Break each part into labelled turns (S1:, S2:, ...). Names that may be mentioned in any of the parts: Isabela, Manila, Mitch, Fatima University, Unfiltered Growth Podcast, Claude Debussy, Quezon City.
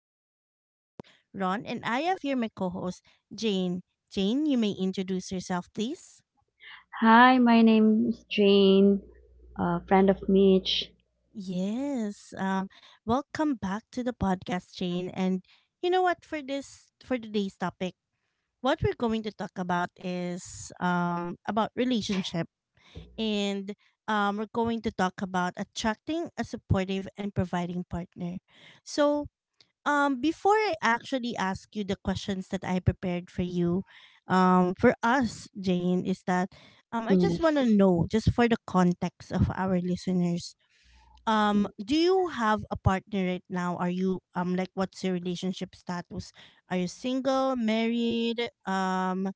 S1: This is your host, Ron, and I have here my co host, Jane. Jane, you may introduce yourself, please.
S2: Hi, my name is Jane, a friend of Mitch.
S1: Yes. Welcome back to the podcast, Jane. And you know what? For today's topic, what we're going to talk about is about relationship. And we're going to talk about attracting a supportive and providing partner. So, before I actually ask you the questions that I prepared for you, for us, Jane, is that I just
S2: Yes.
S1: want to know just for the context of our listeners. Do you have a partner right now? Are you like what's your relationship status? Are you single, married,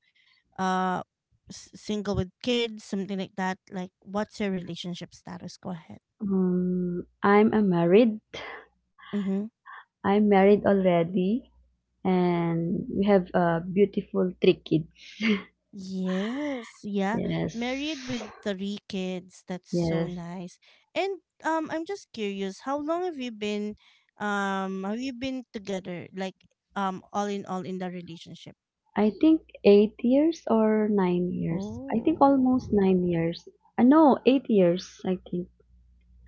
S1: uh single with kids, something like that? Like what's your relationship status? Go ahead.
S2: I'm a married.
S1: Mm-hmm.
S2: I'm married already, and we have a beautiful 3 kids.
S1: Yes, yeah. Married with
S2: Yes.
S1: three kids. That's so
S2: Yes.
S1: nice. And I'm just curious, how long have you been together? Like all in the relationship?
S2: I think 8 years or 9 years. I think
S1: Oh.
S2: almost 9 years. No, 8 years, I think.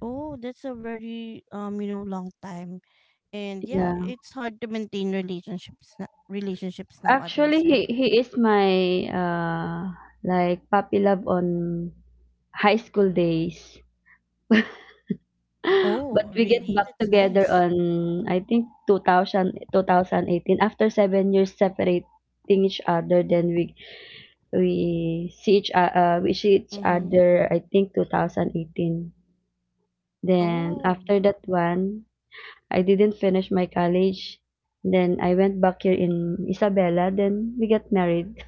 S1: Oh, that's a very you know long time. And yeah,
S2: Yeah.
S1: it's hard to maintain relationships
S2: Actually,
S1: nowadays, right?
S2: he is my like puppy love on high school days.
S1: Oh,
S2: But we get
S1: really?
S2: back
S1: That's nice.
S2: together on I think 2000, 2018 after 7 years separating each other. Then we we see each
S1: Mhm.
S2: other I think 2018. Then
S1: Oh.
S2: after that one, I didn't finish my college. Then I went back here in Isabela. Then we got married.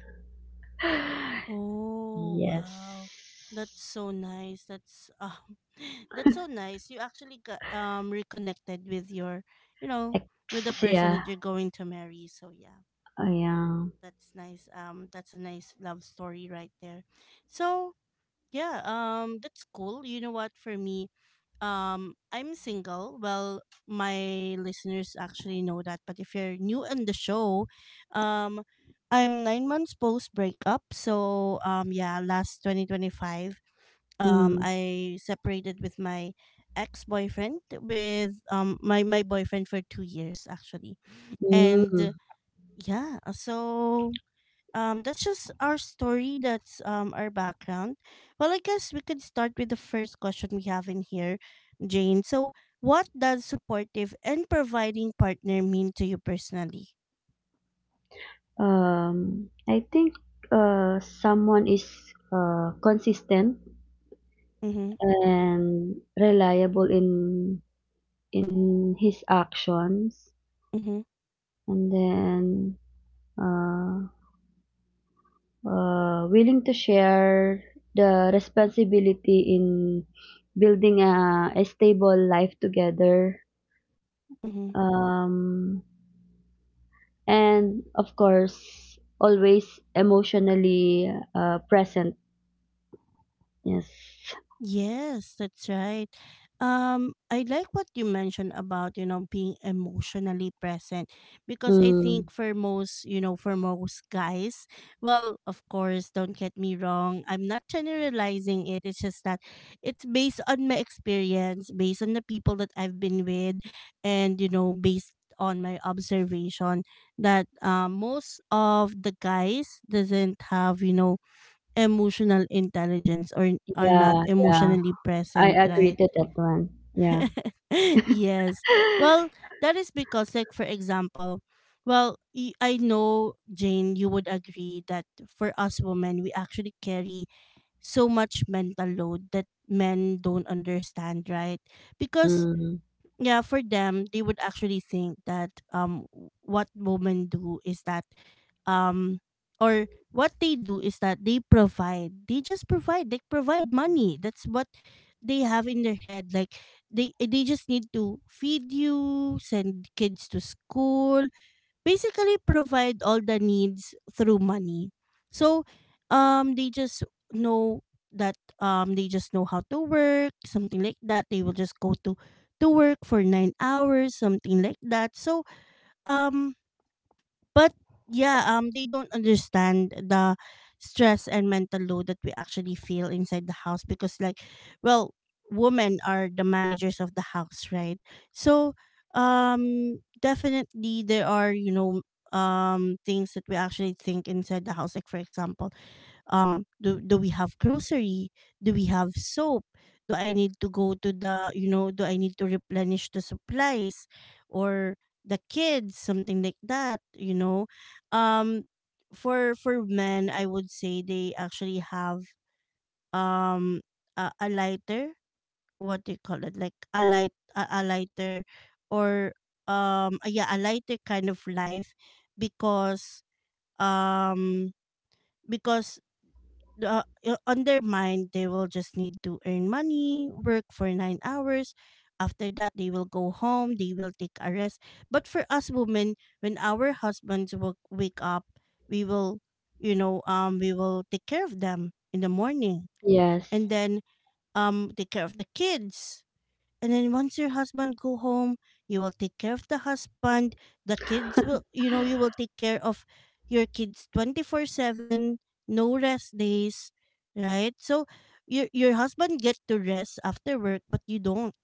S1: Oh,
S2: Yes.
S1: wow. That's so nice. That's that's so nice. You actually got reconnected with your, you know, with the
S2: Ex,
S1: person that
S2: yeah.
S1: you're going to marry. So yeah,
S2: Oh, yeah.
S1: that's nice. That's a nice love story right there. So, yeah, that's cool. You know what for me? I'm single. Well, my listeners actually know that, but if you're new on the show, um, I'm 9 months post breakup. So, yeah, last 2025,
S2: Hmm.
S1: I separated with my ex boyfriend with my boyfriend for 2 years actually, and
S2: Hmm.
S1: yeah, so that's just our story. That's our background. Well, I guess we could start with the first question we have in here, Jane. So, what does supportive and providing partner mean to you personally?
S2: I think someone is consistent
S1: Mm-hmm.
S2: and reliable in his actions,
S1: Mm-hmm.
S2: and then uh, willing to share the responsibility in building a stable life together.
S1: Mm-hmm.
S2: Um, and of course, always emotionally present. Yes.
S1: Yes, that's right. I like what you mentioned about, you know, being emotionally present because I think
S2: Mm.
S1: for most, you know, for most guys, well, of course, don't get me wrong, I'm not generalizing it. It's just that it's based on my experience, based on the people that I've been with, and, you know, based on my observation that most of the guys doesn't have, you know, emotional intelligence or are not
S2: Yeah, yeah.
S1: emotionally
S2: I
S1: present,
S2: agree
S1: right?
S2: to that one. Yeah.
S1: yes. Well, that is because, like, for example, I know, Jane, you would agree that for us women, we actually carry so much mental load that men don't understand, right? Because
S2: Mm,
S1: yeah, for them, they would actually think that what women do is that um or what they do is that they provide money. That's what they have in their head. Like they just need to feed you, send kids to school, basically provide all the needs through money. So they just know that they just know how to work, something like that. They will just go to work for 9 hours, something like that. So um but yeah, they don't understand the stress and mental load that we actually feel inside the house because, like, well, women are the managers of the house, right? So, definitely there are you know things that we actually think inside the house. Like for example, do we have grocery, do we have soap, do I need to go to the you know, do I need to replenish the supplies or the kids, something like that, you know. Um for for men, I would say they actually have um a lighter, what do you call it, like a lighter, or yeah, a lighter kind of life because um because on their mind they will just need to earn money, work for 9 hours. After that they will go home, they will take a rest. But for us women, when our husbands will wake up, we will we will take care of them in the morning,
S2: yes.
S1: and then take care of the kids. And then once your husband go home, you will take care of the husband, the kids, will you know you will take care of your kids 24/7, no rest days, right? So your husband get to rest after work but you don't,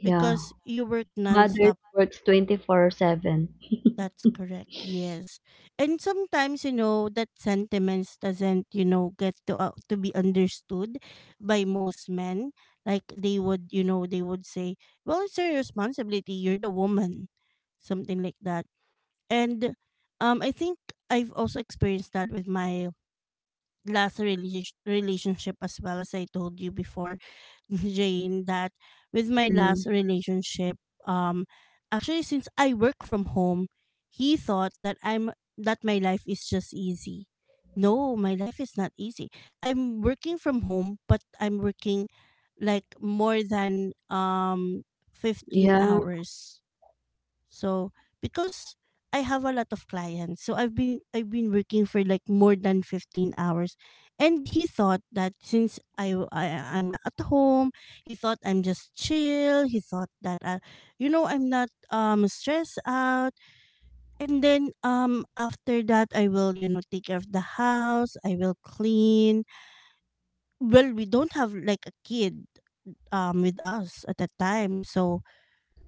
S2: Yeah.
S1: because you work non—
S2: Mothers works 24/7.
S1: that's correct. Yes. And sometimes, you know, that sentiments doesn't, you know, get to be understood by most men. Like they would, you know, they would say, "Well, it's your responsibility. You're the woman." Something like that. And I think I've also experienced that with my last relation relationship as well. As I told you before, Jane, that with my
S2: Mm,
S1: last relationship, um, actually since I work from home, he thought that I'm that my life is just easy. No, my life is not easy. I'm working from home, but I'm working like more than 15
S2: yeah.
S1: hours, so because I have a lot of clients, so I've been working for like more than 15 hours, and he thought that since I I'm at home, he thought I'm just chill. He thought that I, you know, I'm not stressed out. And then after that, I will you know take care of the house. I will clean. Well, we don't have like a kid with us at that time, so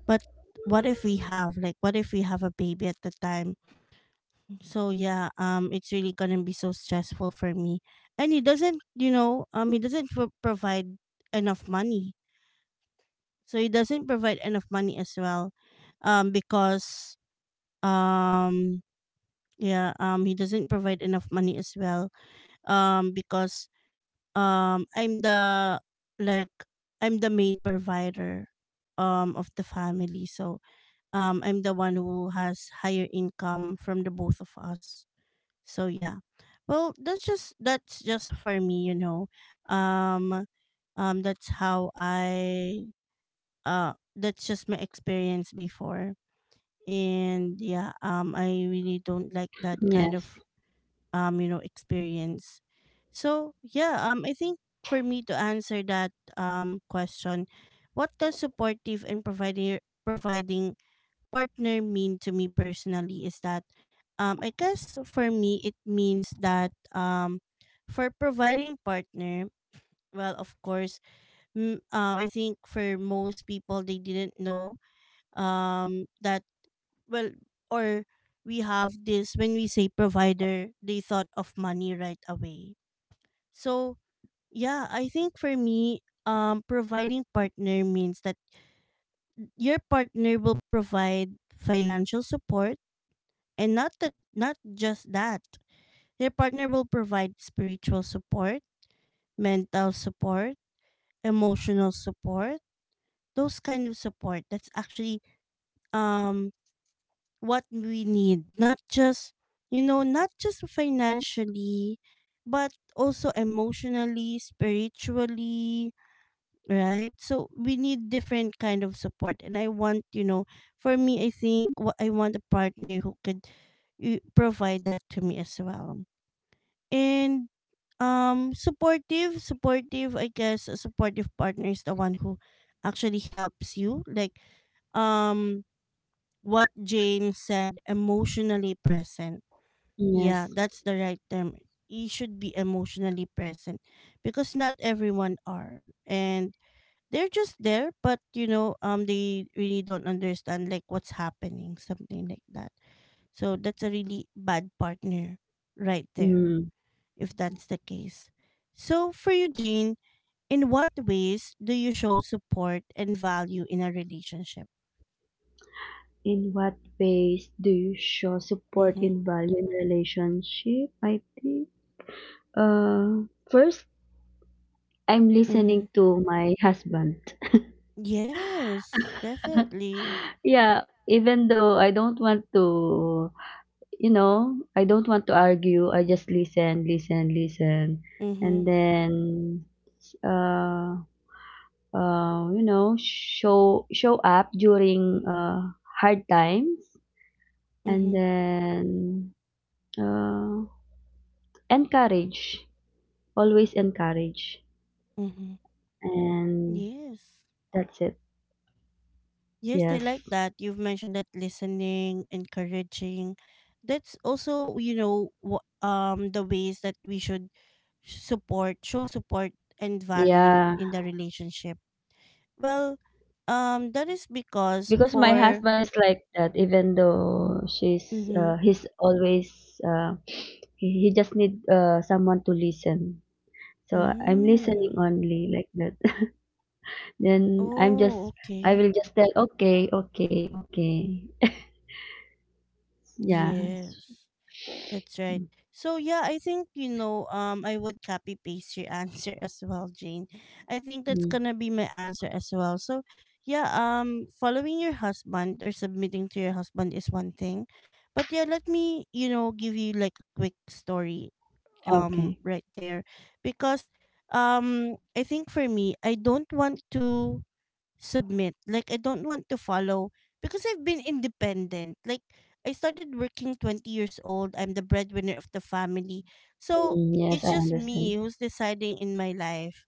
S1: but what if we have a baby at the time. So yeah, it's really gonna be so stressful for me. And he doesn't, you know, he doesn't provide enough money. So he doesn't provide enough money as well, because um, yeah, he doesn't provide enough money as well, because I'm the like I'm the main provider, of the family. So I'm the one who has higher income from the both of us. So yeah. Well, that's just for me, you know. Um that's how I that's just my experience before. And yeah, I really don't like that kind of
S2: Yes.
S1: you know experience. So, yeah, I think for me to answer that question, what does supportive and providing partner mean to me personally is that I guess for me it means that for providing partner, well of course, I think for most people they didn't know that well or we have this, when we say provider they thought of money right away. So yeah, I think for me, providing partner means that your partner will provide financial support. And not that, not just that. Your partner will provide spiritual support, mental support, emotional support, those kind of support. That's actually um what we need. Not just you know, not just financially, but also emotionally, spiritually, right? So we need different kind of support. And I want, you know, for me I think what I want a partner who could you provide that to me as well. And supportive, I guess a supportive partner is the one who actually helps you, like um what Jane said, emotionally present. Yeah,
S2: Yes.
S1: that's the right term. You should be emotionally present because not everyone are, and they're just there but you know they really don't understand like what's happening, something like that. So that's a really bad partner right there,
S2: Mm.
S1: if that's the case. So, for you, Jane, in what ways do you show support and value in a relationship?
S2: In what ways do you show support
S1: Mm-hmm,
S2: in value in relationship? I think. Uh, First, I'm
S1: hmm.
S2: listening to my husband.
S1: Yes, definitely.
S2: Yeah, even though I don't want to argue. I just listen, listen, listen,
S1: Mm-hmm,
S2: and then, uh, show up during hard times, and
S1: mm-hmm,
S2: then uh, encourage, always encourage,
S1: mm-hmm.
S2: and
S1: Yes.
S2: that's it.
S1: Yes, I like
S2: Yes.
S1: that. You've mentioned that listening, encouraging. That's also, you know, the ways that we should show support and value
S2: Yeah.
S1: in the relationship. Well, that is because
S2: Because my
S1: for—
S2: husband is like that, even though she's
S1: Mhm.
S2: he's always uh, he just need someone to listen, so I'm listening
S1: Mm.
S2: only, like that. Then I'm
S1: Oh,
S2: just, I
S1: okay.
S2: will just tell, okay, okay, okay. Yeah.
S1: Yes. That's right. So yeah, I think you know, I would copy paste your answer as well, Jane. I think that's
S2: Mm,
S1: going to be my answer as well. So yeah, following your husband or submitting to your husband is one thing. But yeah, let me, you know, give you like a quick story
S2: okay.
S1: right there, because I think for me, I don't want to submit. Like I don't want to follow because I've been independent. Like I started working 20 years old. I'm the breadwinner of the family. So
S2: Mm, yes,
S1: it's
S2: I
S1: just
S2: understand.
S1: me who's deciding in my life,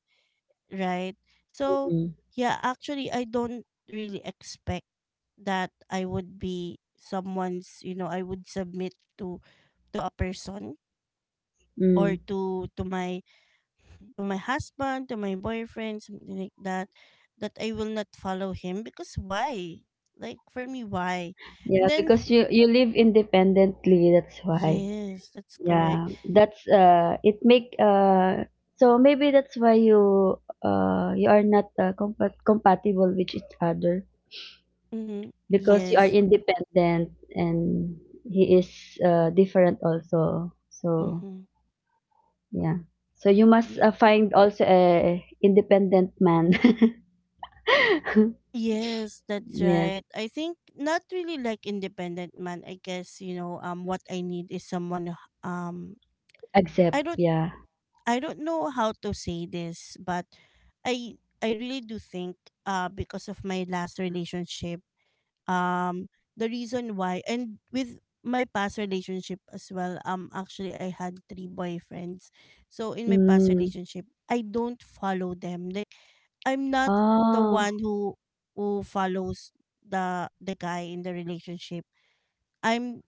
S1: right? So
S2: Mm.
S1: yeah, actually I don't really expect that I would be someone's, you know, I would submit to a person or
S2: Mm.
S1: to my husband, to my boyfriend, something like that, that I will not follow him because why? Like for me, why? And
S2: Yeah,
S1: then
S2: because you live independently, that's why.
S1: yes, that's
S2: Yeah,
S1: correct.
S2: that's it make so maybe that's why you are not compatible with each other
S1: Mm-hmm.
S2: because you are
S1: Yes.
S2: independent and he is different also. So,
S1: Mm-hmm.
S2: yeah. So you must find also a independent man.
S1: Yes, that's
S2: Yes,
S1: right. I think not really like independent man. I guess what I need is someone um
S2: accept,
S1: I don't
S2: yeah.
S1: I don't know how to say this, but I I really do think because of my last relationship, um the reason why and with my past relationship as well, actually I had three boyfriends. So in my past
S2: Mm.
S1: relationship, I don't follow them. Like, I'm not the
S2: Oh,
S1: one who follows the guy in the relationship. i'm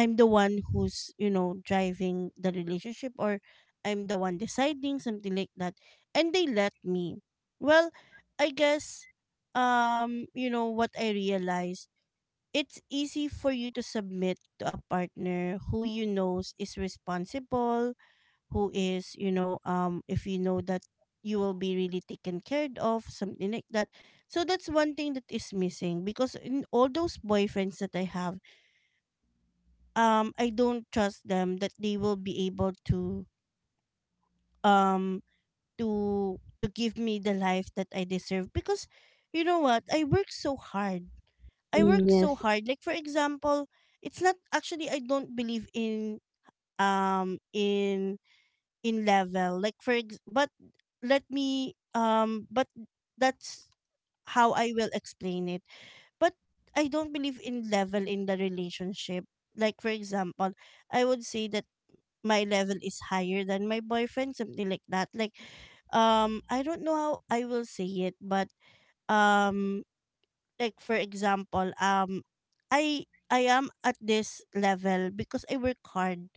S1: i'm the one who's, you know, driving the relationship, or I'm the one deciding something like that, and they let me. Well, I guess, you know what I realized, it's easy for you to submit to a partner who you knows is responsible, who is, you know, if you know that you will be really taken care of, something like that. So that's one thing that is missing because in all those boyfriends that I have, I don't trust them that they will be able to um to give me the life that I deserve because you know what? I work so hard. I
S2: mm,
S1: worked so
S2: yes.
S1: hard. Like for example, it's not actually I don't believe um in in level. Like but let me but that's how I will explain it. But I don't believe in level in the relationship. Like for example, I would say that my level is higher than my boyfriend, something like that. Like, I don't know how I will say it, but um like for example, I am at this level because I work hard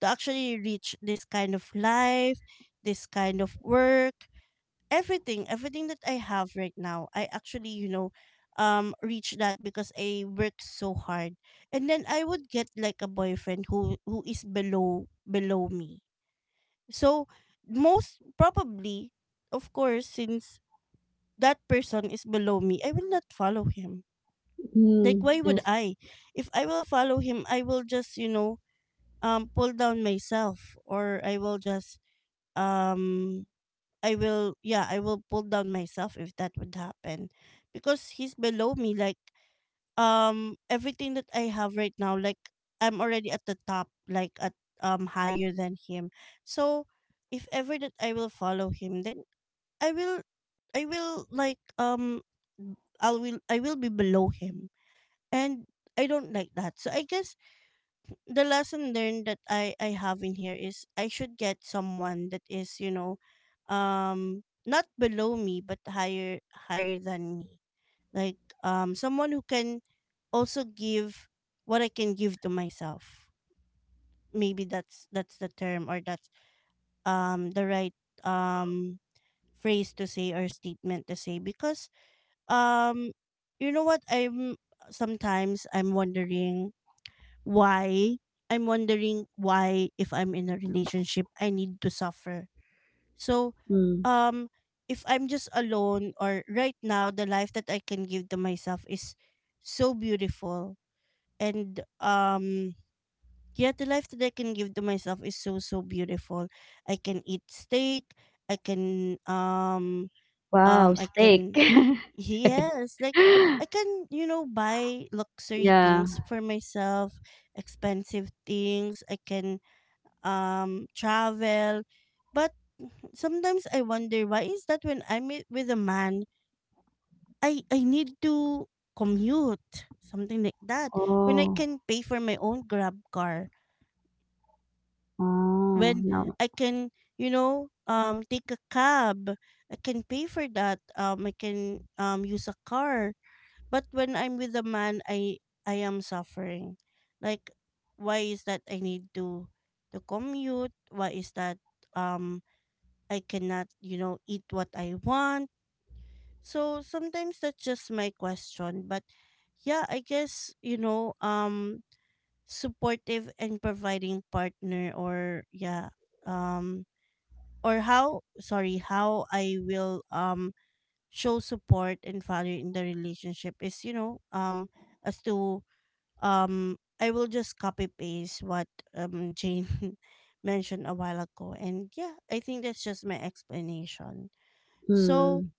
S1: to actually reach this kind of life, this kind of work, everything, everything that I have right now. I actually, you know, reach that because I work so hard. And then I would get like a boyfriend who is below me. So most probably, of course, since that person is below me, I will not follow him. Like,
S2: Mm,
S1: why would
S2: yes.
S1: I? If I will follow him, I will just, you know, pull down myself, or I will just, um, I will, yeah, I will pull down myself if that would happen, because he's below me. Like, everything that I have right now, like, I'm already at the top, like at higher than him. So, if ever that I will follow him, then I will, I will like, I will be below him, and I don't like that. So I guess the lesson learned that I have in here is I should get someone that is, you know, not below me but higher, than me. Like, someone who can also give what I can give to myself. Maybe that's the term, or that's the right um phrase to say, or statement to say, because um you know what, I'm sometimes I'm wondering why. I'm wondering why if I'm in a relationship I need to suffer. So
S2: Mm.
S1: um if I'm just alone, or right now the life that I can give to myself is so beautiful, and yeah, the life that I can give to myself is so so beautiful. I can eat steak, I can um
S2: Wow, steak.
S1: yes, like, you know, buy luxury things
S2: Yeah.
S1: for myself, expensive things. I can travel. But sometimes I wonder, why is that when I'm with a man, I need to commute, something like that. When I
S2: Oh.
S1: can pay for my own grab car,
S2: Oh,
S1: when
S2: no.
S1: I can, you know, take a cab, I can pay for that. I can, use a car. But when I'm with a man, I am suffering. Like, why is that I need to commute? Why is that? um I cannot, you know, eat what I want. So sometimes that's just my question. But yeah, I guess, you know, supportive and providing partner, or yeah, um or how, sorry, how I will show support and value in the relationship is, you know, as to, I will just copy paste what Jane mentioned a while ago. And yeah, I think that's just my explanation. So,
S2: Hmm.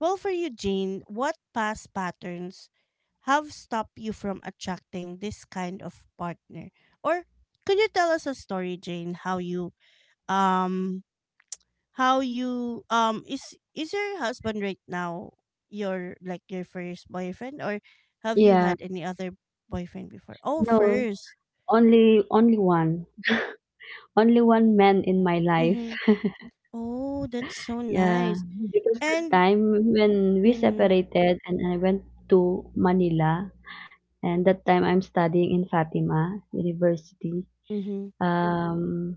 S1: well, for you, Jane, what past patterns have stopped you from attracting this kind of partner? Or could you tell us a story, Jane, um how you is your husband right now your like your first boyfriend, or have you
S2: Yeah.
S1: had other boyfriend before? Oh,
S2: No,
S1: 1st.
S2: only one. Only one man in my life.
S1: Mm-hmm. Oh, that's so nice.
S2: Yeah. Because that
S1: And
S2: time when we
S1: Mhm.
S2: separated and I went to Manila, and that time I'm studying in Fatima University.
S1: Mhm.
S2: Um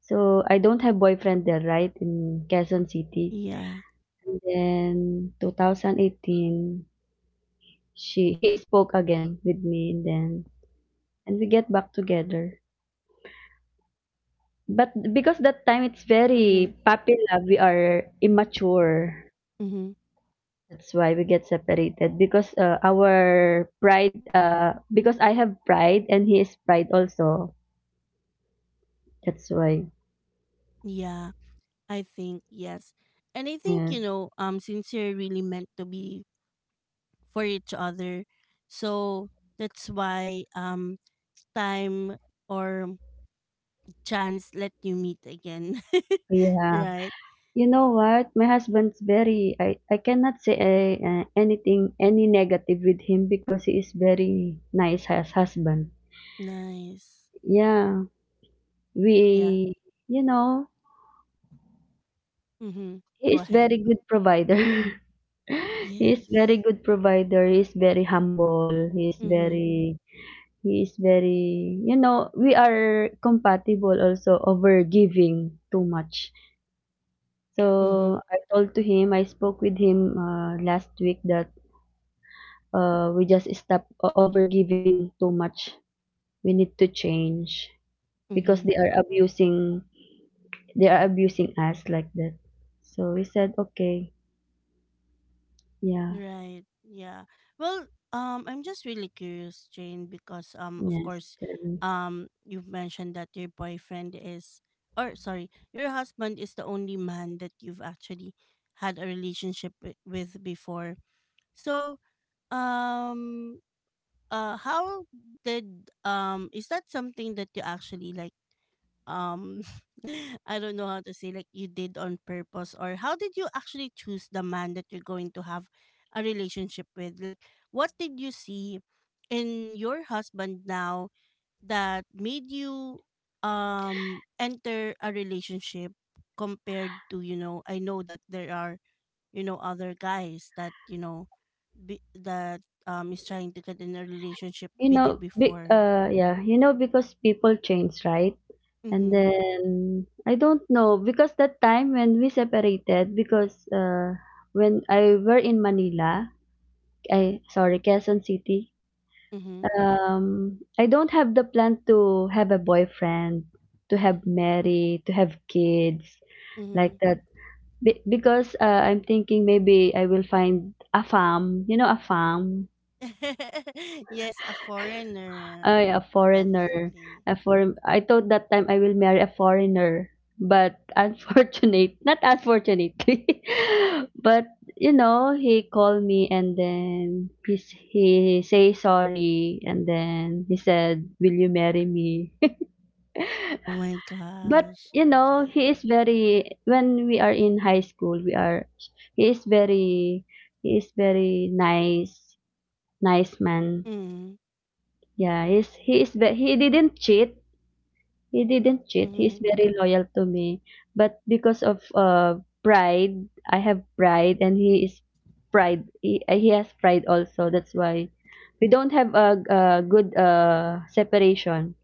S2: so I don't have boyfriend there, right? In Quezon City.
S1: yeah.
S2: Then 2018, she he spoke again with me, and then and we get back together. But because that time it's
S1: Mm-hmm.
S2: very puppy love, we are immature.
S1: Mm-hmm.
S2: That's why we get separated, because our pride. Because I have pride and he is pride also. That's why.
S1: Yeah. I think yes. And I think, you
S2: Yes.
S1: know, since you're really meant to be for each other, so that's why time or chance let you meet again.
S2: Yeah.
S1: Right.
S2: You know what? My husband's very. I cannot say anything, any negative with him, because he is very nice as husband.
S1: Nice.
S2: Yeah.
S1: Yeah.
S2: We. You know,
S1: Mhm.
S2: he
S1: Go
S2: is
S1: ahead.
S2: very good provider. He's
S1: Yes.
S2: very good provider, he's very humble, he's
S1: Mhm.
S2: very he is very you know, we are compatible also over giving too much.
S1: Mhm.
S2: So, I spoke with him, last week that, we just stop o over giving too much. We need to change because
S1: Mhm.
S2: they are abusing us, like that. So, he said, "Okay." Yeah.
S1: Right. Yeah. Well, I'm just really curious, Jane, because, of
S2: Yes,
S1: course,
S2: then
S1: you've mentioned that your boyfriend is, or sorry, your husband is the only man that you've actually had a relationship with before. So, um, how did, is that something that you actually like? um I don't know how to say, like, you did on purpose, or how did you actually choose the man that you're going to have a relationship with? Like, what did you see in your husband now that made you enter a relationship, compared to, you know, I know that there are, you know, other guys that, you know, be, that is trying to get in a relationship
S2: You
S1: with you
S2: know, be,
S1: before.
S2: uh, yeah, you know, because people change, right? And
S1: Mhm.
S2: then I don't know, because that time when we separated, because when I were in Manila, I sorry, Quezon City.
S1: Mhm.
S2: I don't have the plan to have a boyfriend, to have marry, to have kids, like
S1: Mhm.
S2: that. Because I'm thinking maybe I will find a farm.
S1: Yes, a foreigner.
S2: Ay, a
S1: Definitely.
S2: foreigner. A foreign I thought that time I will marry a foreigner, but not unfortunately, but he called me and then he say sorry, and then he said, "Will you marry me?"
S1: Oh my
S2: But,
S1: gosh.
S2: you know,
S1: Okay.
S2: he is very when we are in high school, we are he is very he is very nice, nice man.
S1: Mm-hmm.
S2: Yeah, he didn't cheat. He didn't cheat. He's
S1: Mm-hmm.
S2: very loyal to me. But because of pride, I have pride and he is pride. He has pride also. That's why we don't have a good separation.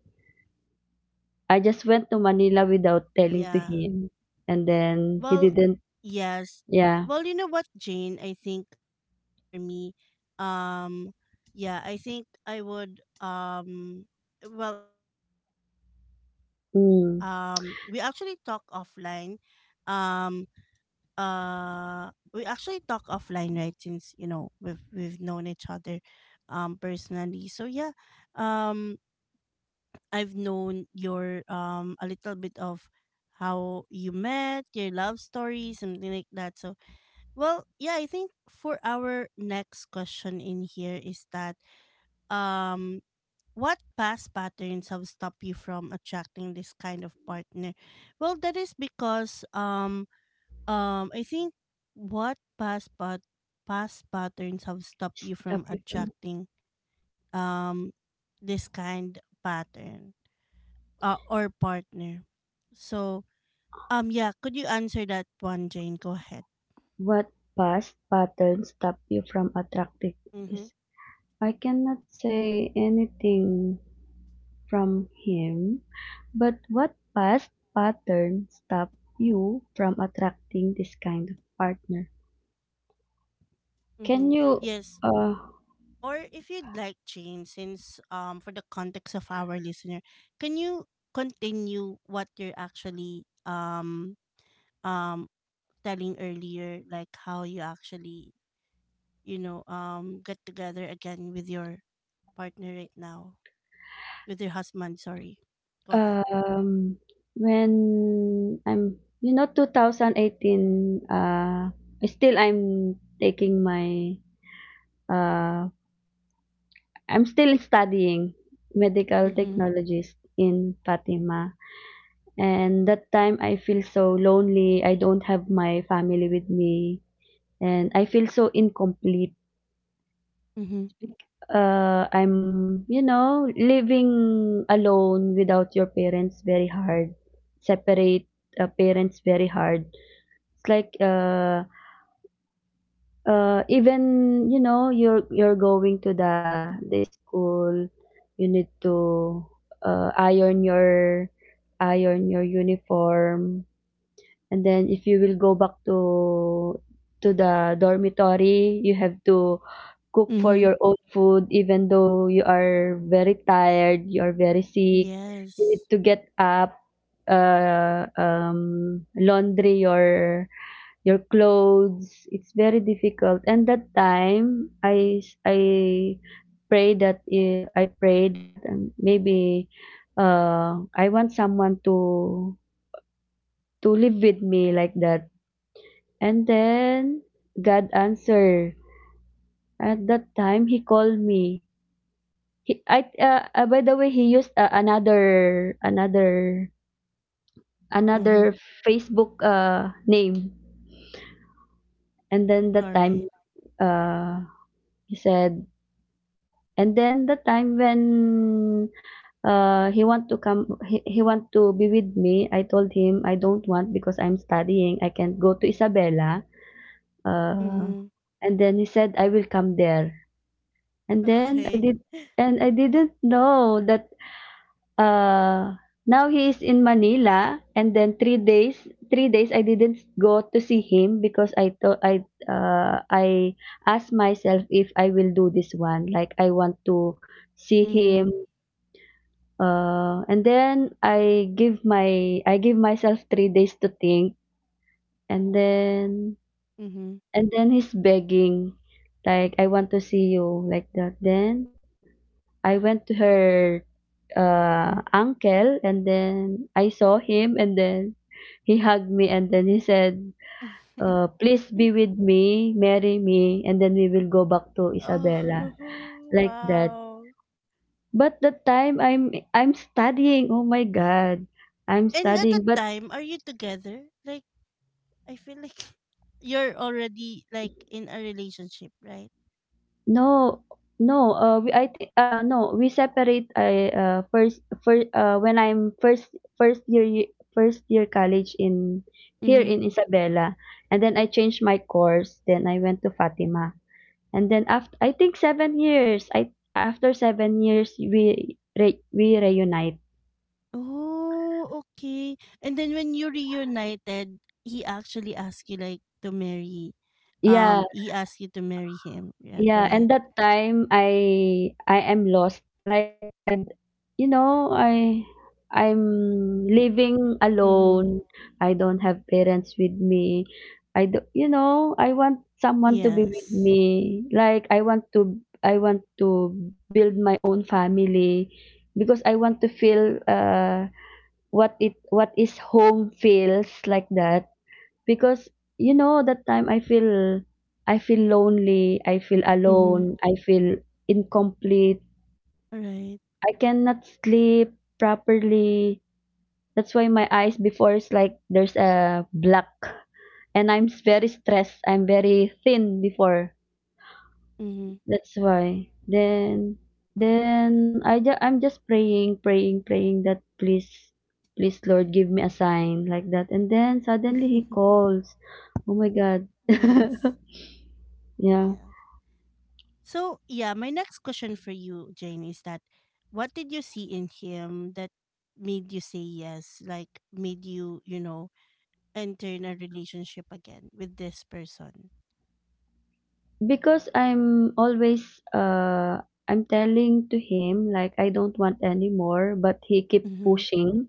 S2: I just went to Manila without telling
S1: Yeah.
S2: to him. And then he
S1: Well,
S2: didn't.
S1: yes.
S2: Yeah.
S1: Well, you know what, Jane? I think for me, um yeah, I think I would well, I know
S2: Mm.
S1: we actually talk offline. Um we actually talk offline, right? Since you know we've known each other personally, so yeah, um I've known your, a little bit of how you met your love story, something like that. So well, yeah, I think for our next question in here is that, um what past patterns have stopped you from attracting this kind of partner? Well, that is because, I think what past patterns have stopped you
S2: Stop
S1: from
S2: you from
S1: attracting um this kind pattern, or partner. So yeah, could you answer that one, Jane? Go ahead.
S2: what past patterns stop you from attracting
S1: Mm-hmm.
S2: this? I cannot say anything from him, but what past pattern stopped you from attracting this kind of partner?
S1: Mm-hmm.
S2: Can you,
S1: Yes.
S2: uh,
S1: Or if you'd like, Jane, since for the context of our listener, can you continue what you're actually um telling earlier, like how you actually, you know, get together again with your partner right now, with your husband. Sorry. Go ahead.
S2: um, when I'm, you know, 2018, still I'm taking my, uh, I'm still studying medical
S1: Mm-hmm.
S2: technologist in Fatima. And that time I feel so lonely. I don't have my family with me, and I feel so incomplete. I'm, you know, living alone without your parents, very hard. Separate parents, very hard. It's like even, you know, you're going to the school. You need to uh, iron your iron your uniform. And then if you will go back to the dormitory, you have to cook for
S1: Mm-hmm.
S2: your own food, even though you are very tired, you are very sick. You need
S1: Yes.
S2: to get up, laundry your clothes. It's very difficult. And that time, I pray that I pray that maybe I want someone to live with me, like that, and then God answered. At that time, He called me. By the way, He used another, another,
S1: Mm-hmm.
S2: another Facebook name. And then that time,
S1: Sorry.
S2: uh, He said. And then the time when he want to come, he want to be with me. I told him I don't want because I'm studying. I can't go to Isabela. Uh,
S1: Mm-hmm.
S2: and then he said, "I will come there." And then I
S1: Okay.
S2: did, and I didn't know that uh now he is in Manila, and then 3 days I didn't go to see him because I asked myself if I will do this one, like I want to see
S1: Mm-hmm.
S2: him, and then I give myself 3 days to think. And then
S1: Mm-hmm.
S2: and then he's begging, like, "I want to see you", like that. Then I went to her uncle, and then I saw him and then he hugged me and then he said, "Please be with me, marry me, and then we will go back to
S1: oh,
S2: Isabela." Like that.
S1: wow.
S2: But that time I'm studying. Oh my God. I'm
S1: And at that
S2: studying. But
S1: time, are you together? Like, I feel like you're already like in a relationship, right?
S2: no, no. I think no, we separate I first first when I'm first first year y- first year college in here in Isabela, and then I changed my course. Then I went to Fatima, and then after I think 7 years. I After 7 years, we reunite.
S1: Oh, okay. And then when you reunited, he actually asked you like to marry.
S2: Yeah.
S1: He asked you to marry him. Yeah,
S2: Yeah,
S1: right.
S2: and that time I am lost. Like, you know, I I'm living
S1: Mm-hmm.
S2: alone. I don't have parents with me. I do, you know, I want someone to be with
S1: Yes.
S2: me. Like, I want to build my own family, because I want to feel what is home feels, like that. Because, you know, that time I feel lonely, I feel
S1: Mm-hmm.
S2: alone, I feel incomplete.
S1: Right.
S2: I cannot sleep properly. That's why my eyes before is like there's a black, and very stressed. I'm very thin before.
S1: Mm-hmm.
S2: That's why. Then I'm just praying, praying, praying that, please, please Lord give me a sign, like that. And then suddenly he calls. Oh my God. Yeah.
S1: Yeah. So yeah, my next question for you, Jane, is that what did you see in him that made you say yes? Like, made you, you know, enter in a relationship again with this person?
S2: Because uh I'm telling to him, like, "I don't want anymore", but he keep
S1: Mm-hmm.
S2: pushing.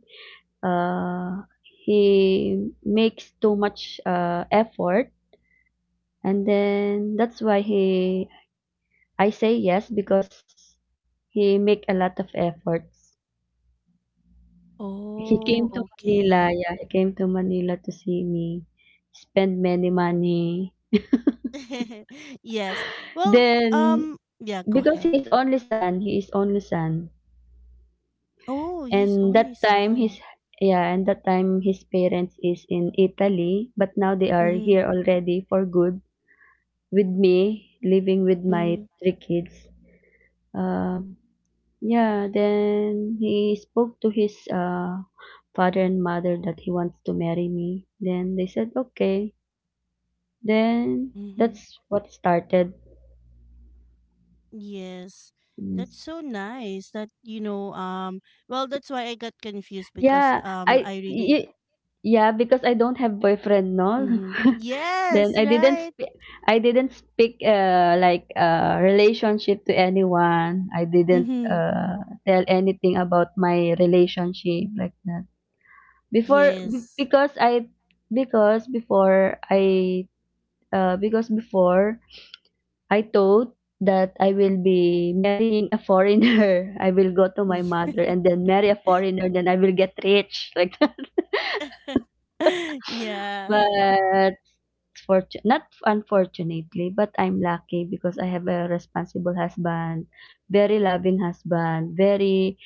S2: He makes too much effort, and then that's why he I say yes, because he make a lot of efforts. He
S1: Oh,
S2: came to Manila,
S1: okay.
S2: yeah, he came to Manila to see me, spend many money.
S1: Yes. Well,
S2: Then
S1: yeah, go
S2: because
S1: ahead.
S2: he is only son, he is only son.
S1: Oh, his
S2: And
S1: only
S2: that time
S1: son.
S2: his yeah, and that time his parents is in Italy, but now they are
S1: Mhm,
S2: here already for good, with me, living with my
S1: mhm,
S2: 3 kids. Um, yeah, then he spoke to his father and mother that he wants to marry me. Then they said okay. Then
S1: mhm.
S2: that's what started.
S1: Yes. That's
S2: Yes.
S1: so nice that, you know, well, that's why I got confused because
S2: Yeah.
S1: I really
S2: Yeah, because I don't have boyfriend, no.
S1: Mhm. Yes,
S2: Then
S1: right.
S2: I didn't speak like relationship to anyone. I didn't
S1: Mm-hmm.
S2: tell anything about my relationship, like that. Before
S1: Yes.
S2: b- because I because before I because before I thought that I will be marrying a foreigner. I will go to my mother and then marry a foreigner, then I will get rich, like that.
S1: Yeah.
S2: But not unfortunately, but I'm lucky because I have a responsible husband, very loving husband, very,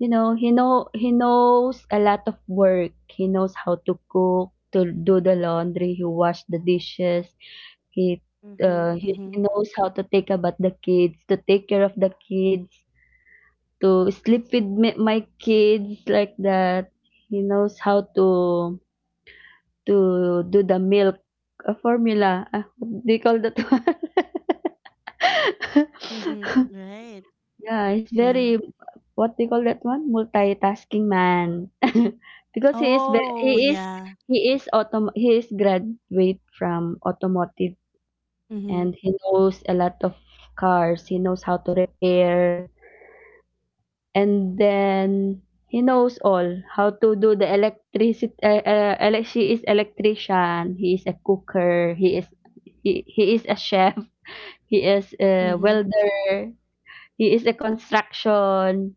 S2: you know, he knows a lot of work. He knows how to cook, to do the laundry, he wash the dishes. He
S1: Mm-hmm.
S2: he,
S1: Mm-hmm.
S2: he knows how to take about the kids, to take care of the kids, to sleep with me, my kids, like that. He knows how to do the milk, formula. They call that one.
S1: Mm-hmm. Right.
S2: Yeah, he's
S1: Yeah.
S2: very, what they call that one, multitasking man. Because
S1: Oh, yeah.
S2: he is graduate from automotive, and
S1: Mm-hmm.
S2: he knows a lot of cars. He knows how to repair, and then he knows all how to do the electricity, she is electrician, he is a cooker, he is a chef, he is a
S1: Mm-hmm.
S2: welder, he is a construction.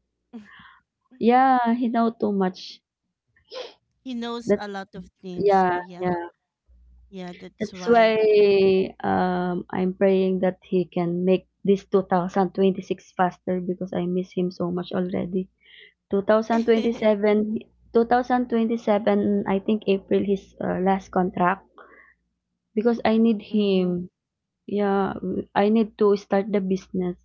S2: Yeah, he know too much.
S1: He knows
S2: That's
S1: a lot of things, so
S2: yeah,
S1: yeah.
S2: yeah.
S1: Yeah, that's
S2: That's why.
S1: why.
S2: I'm praying that he can make this 2026 faster, because I miss him so much already. 2027. 2027, I think April, his last contract, because I need
S1: Mm-hmm.
S2: him. Yeah. I need to start the business,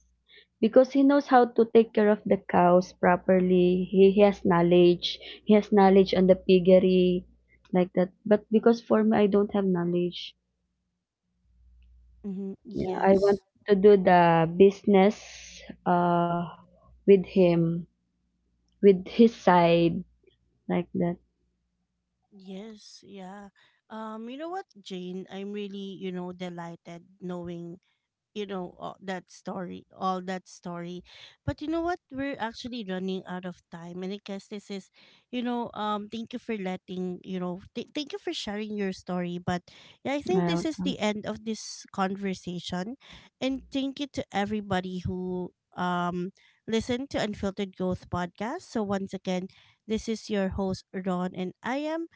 S2: because he knows how to take care of the cows properly. He has knowledge. He has knowledge on the piggery, like that, but because for me, I don't have knowledge.
S1: Mm-hmm.
S2: Yeah. I want
S1: Yes.
S2: to do the business, uh with him, with his side, like that.
S1: Yes. Yeah. You know what, Jane? I'm really, you know, delighted knowing, you know, all that story, all that story. But you know what, we're actually running out of time, and I guess this is, you know, thank you for letting, you know, thank you for sharing your story. But yeah, I think this is
S2: Welcome.
S1: the end of this conversation, and thank you to everybody who listened to Unfiltered Growth Podcast. So once again, this is your host Ron, and I am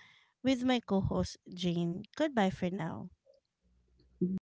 S1: with my co-host Jane. Goodbye for now.
S2: Bye.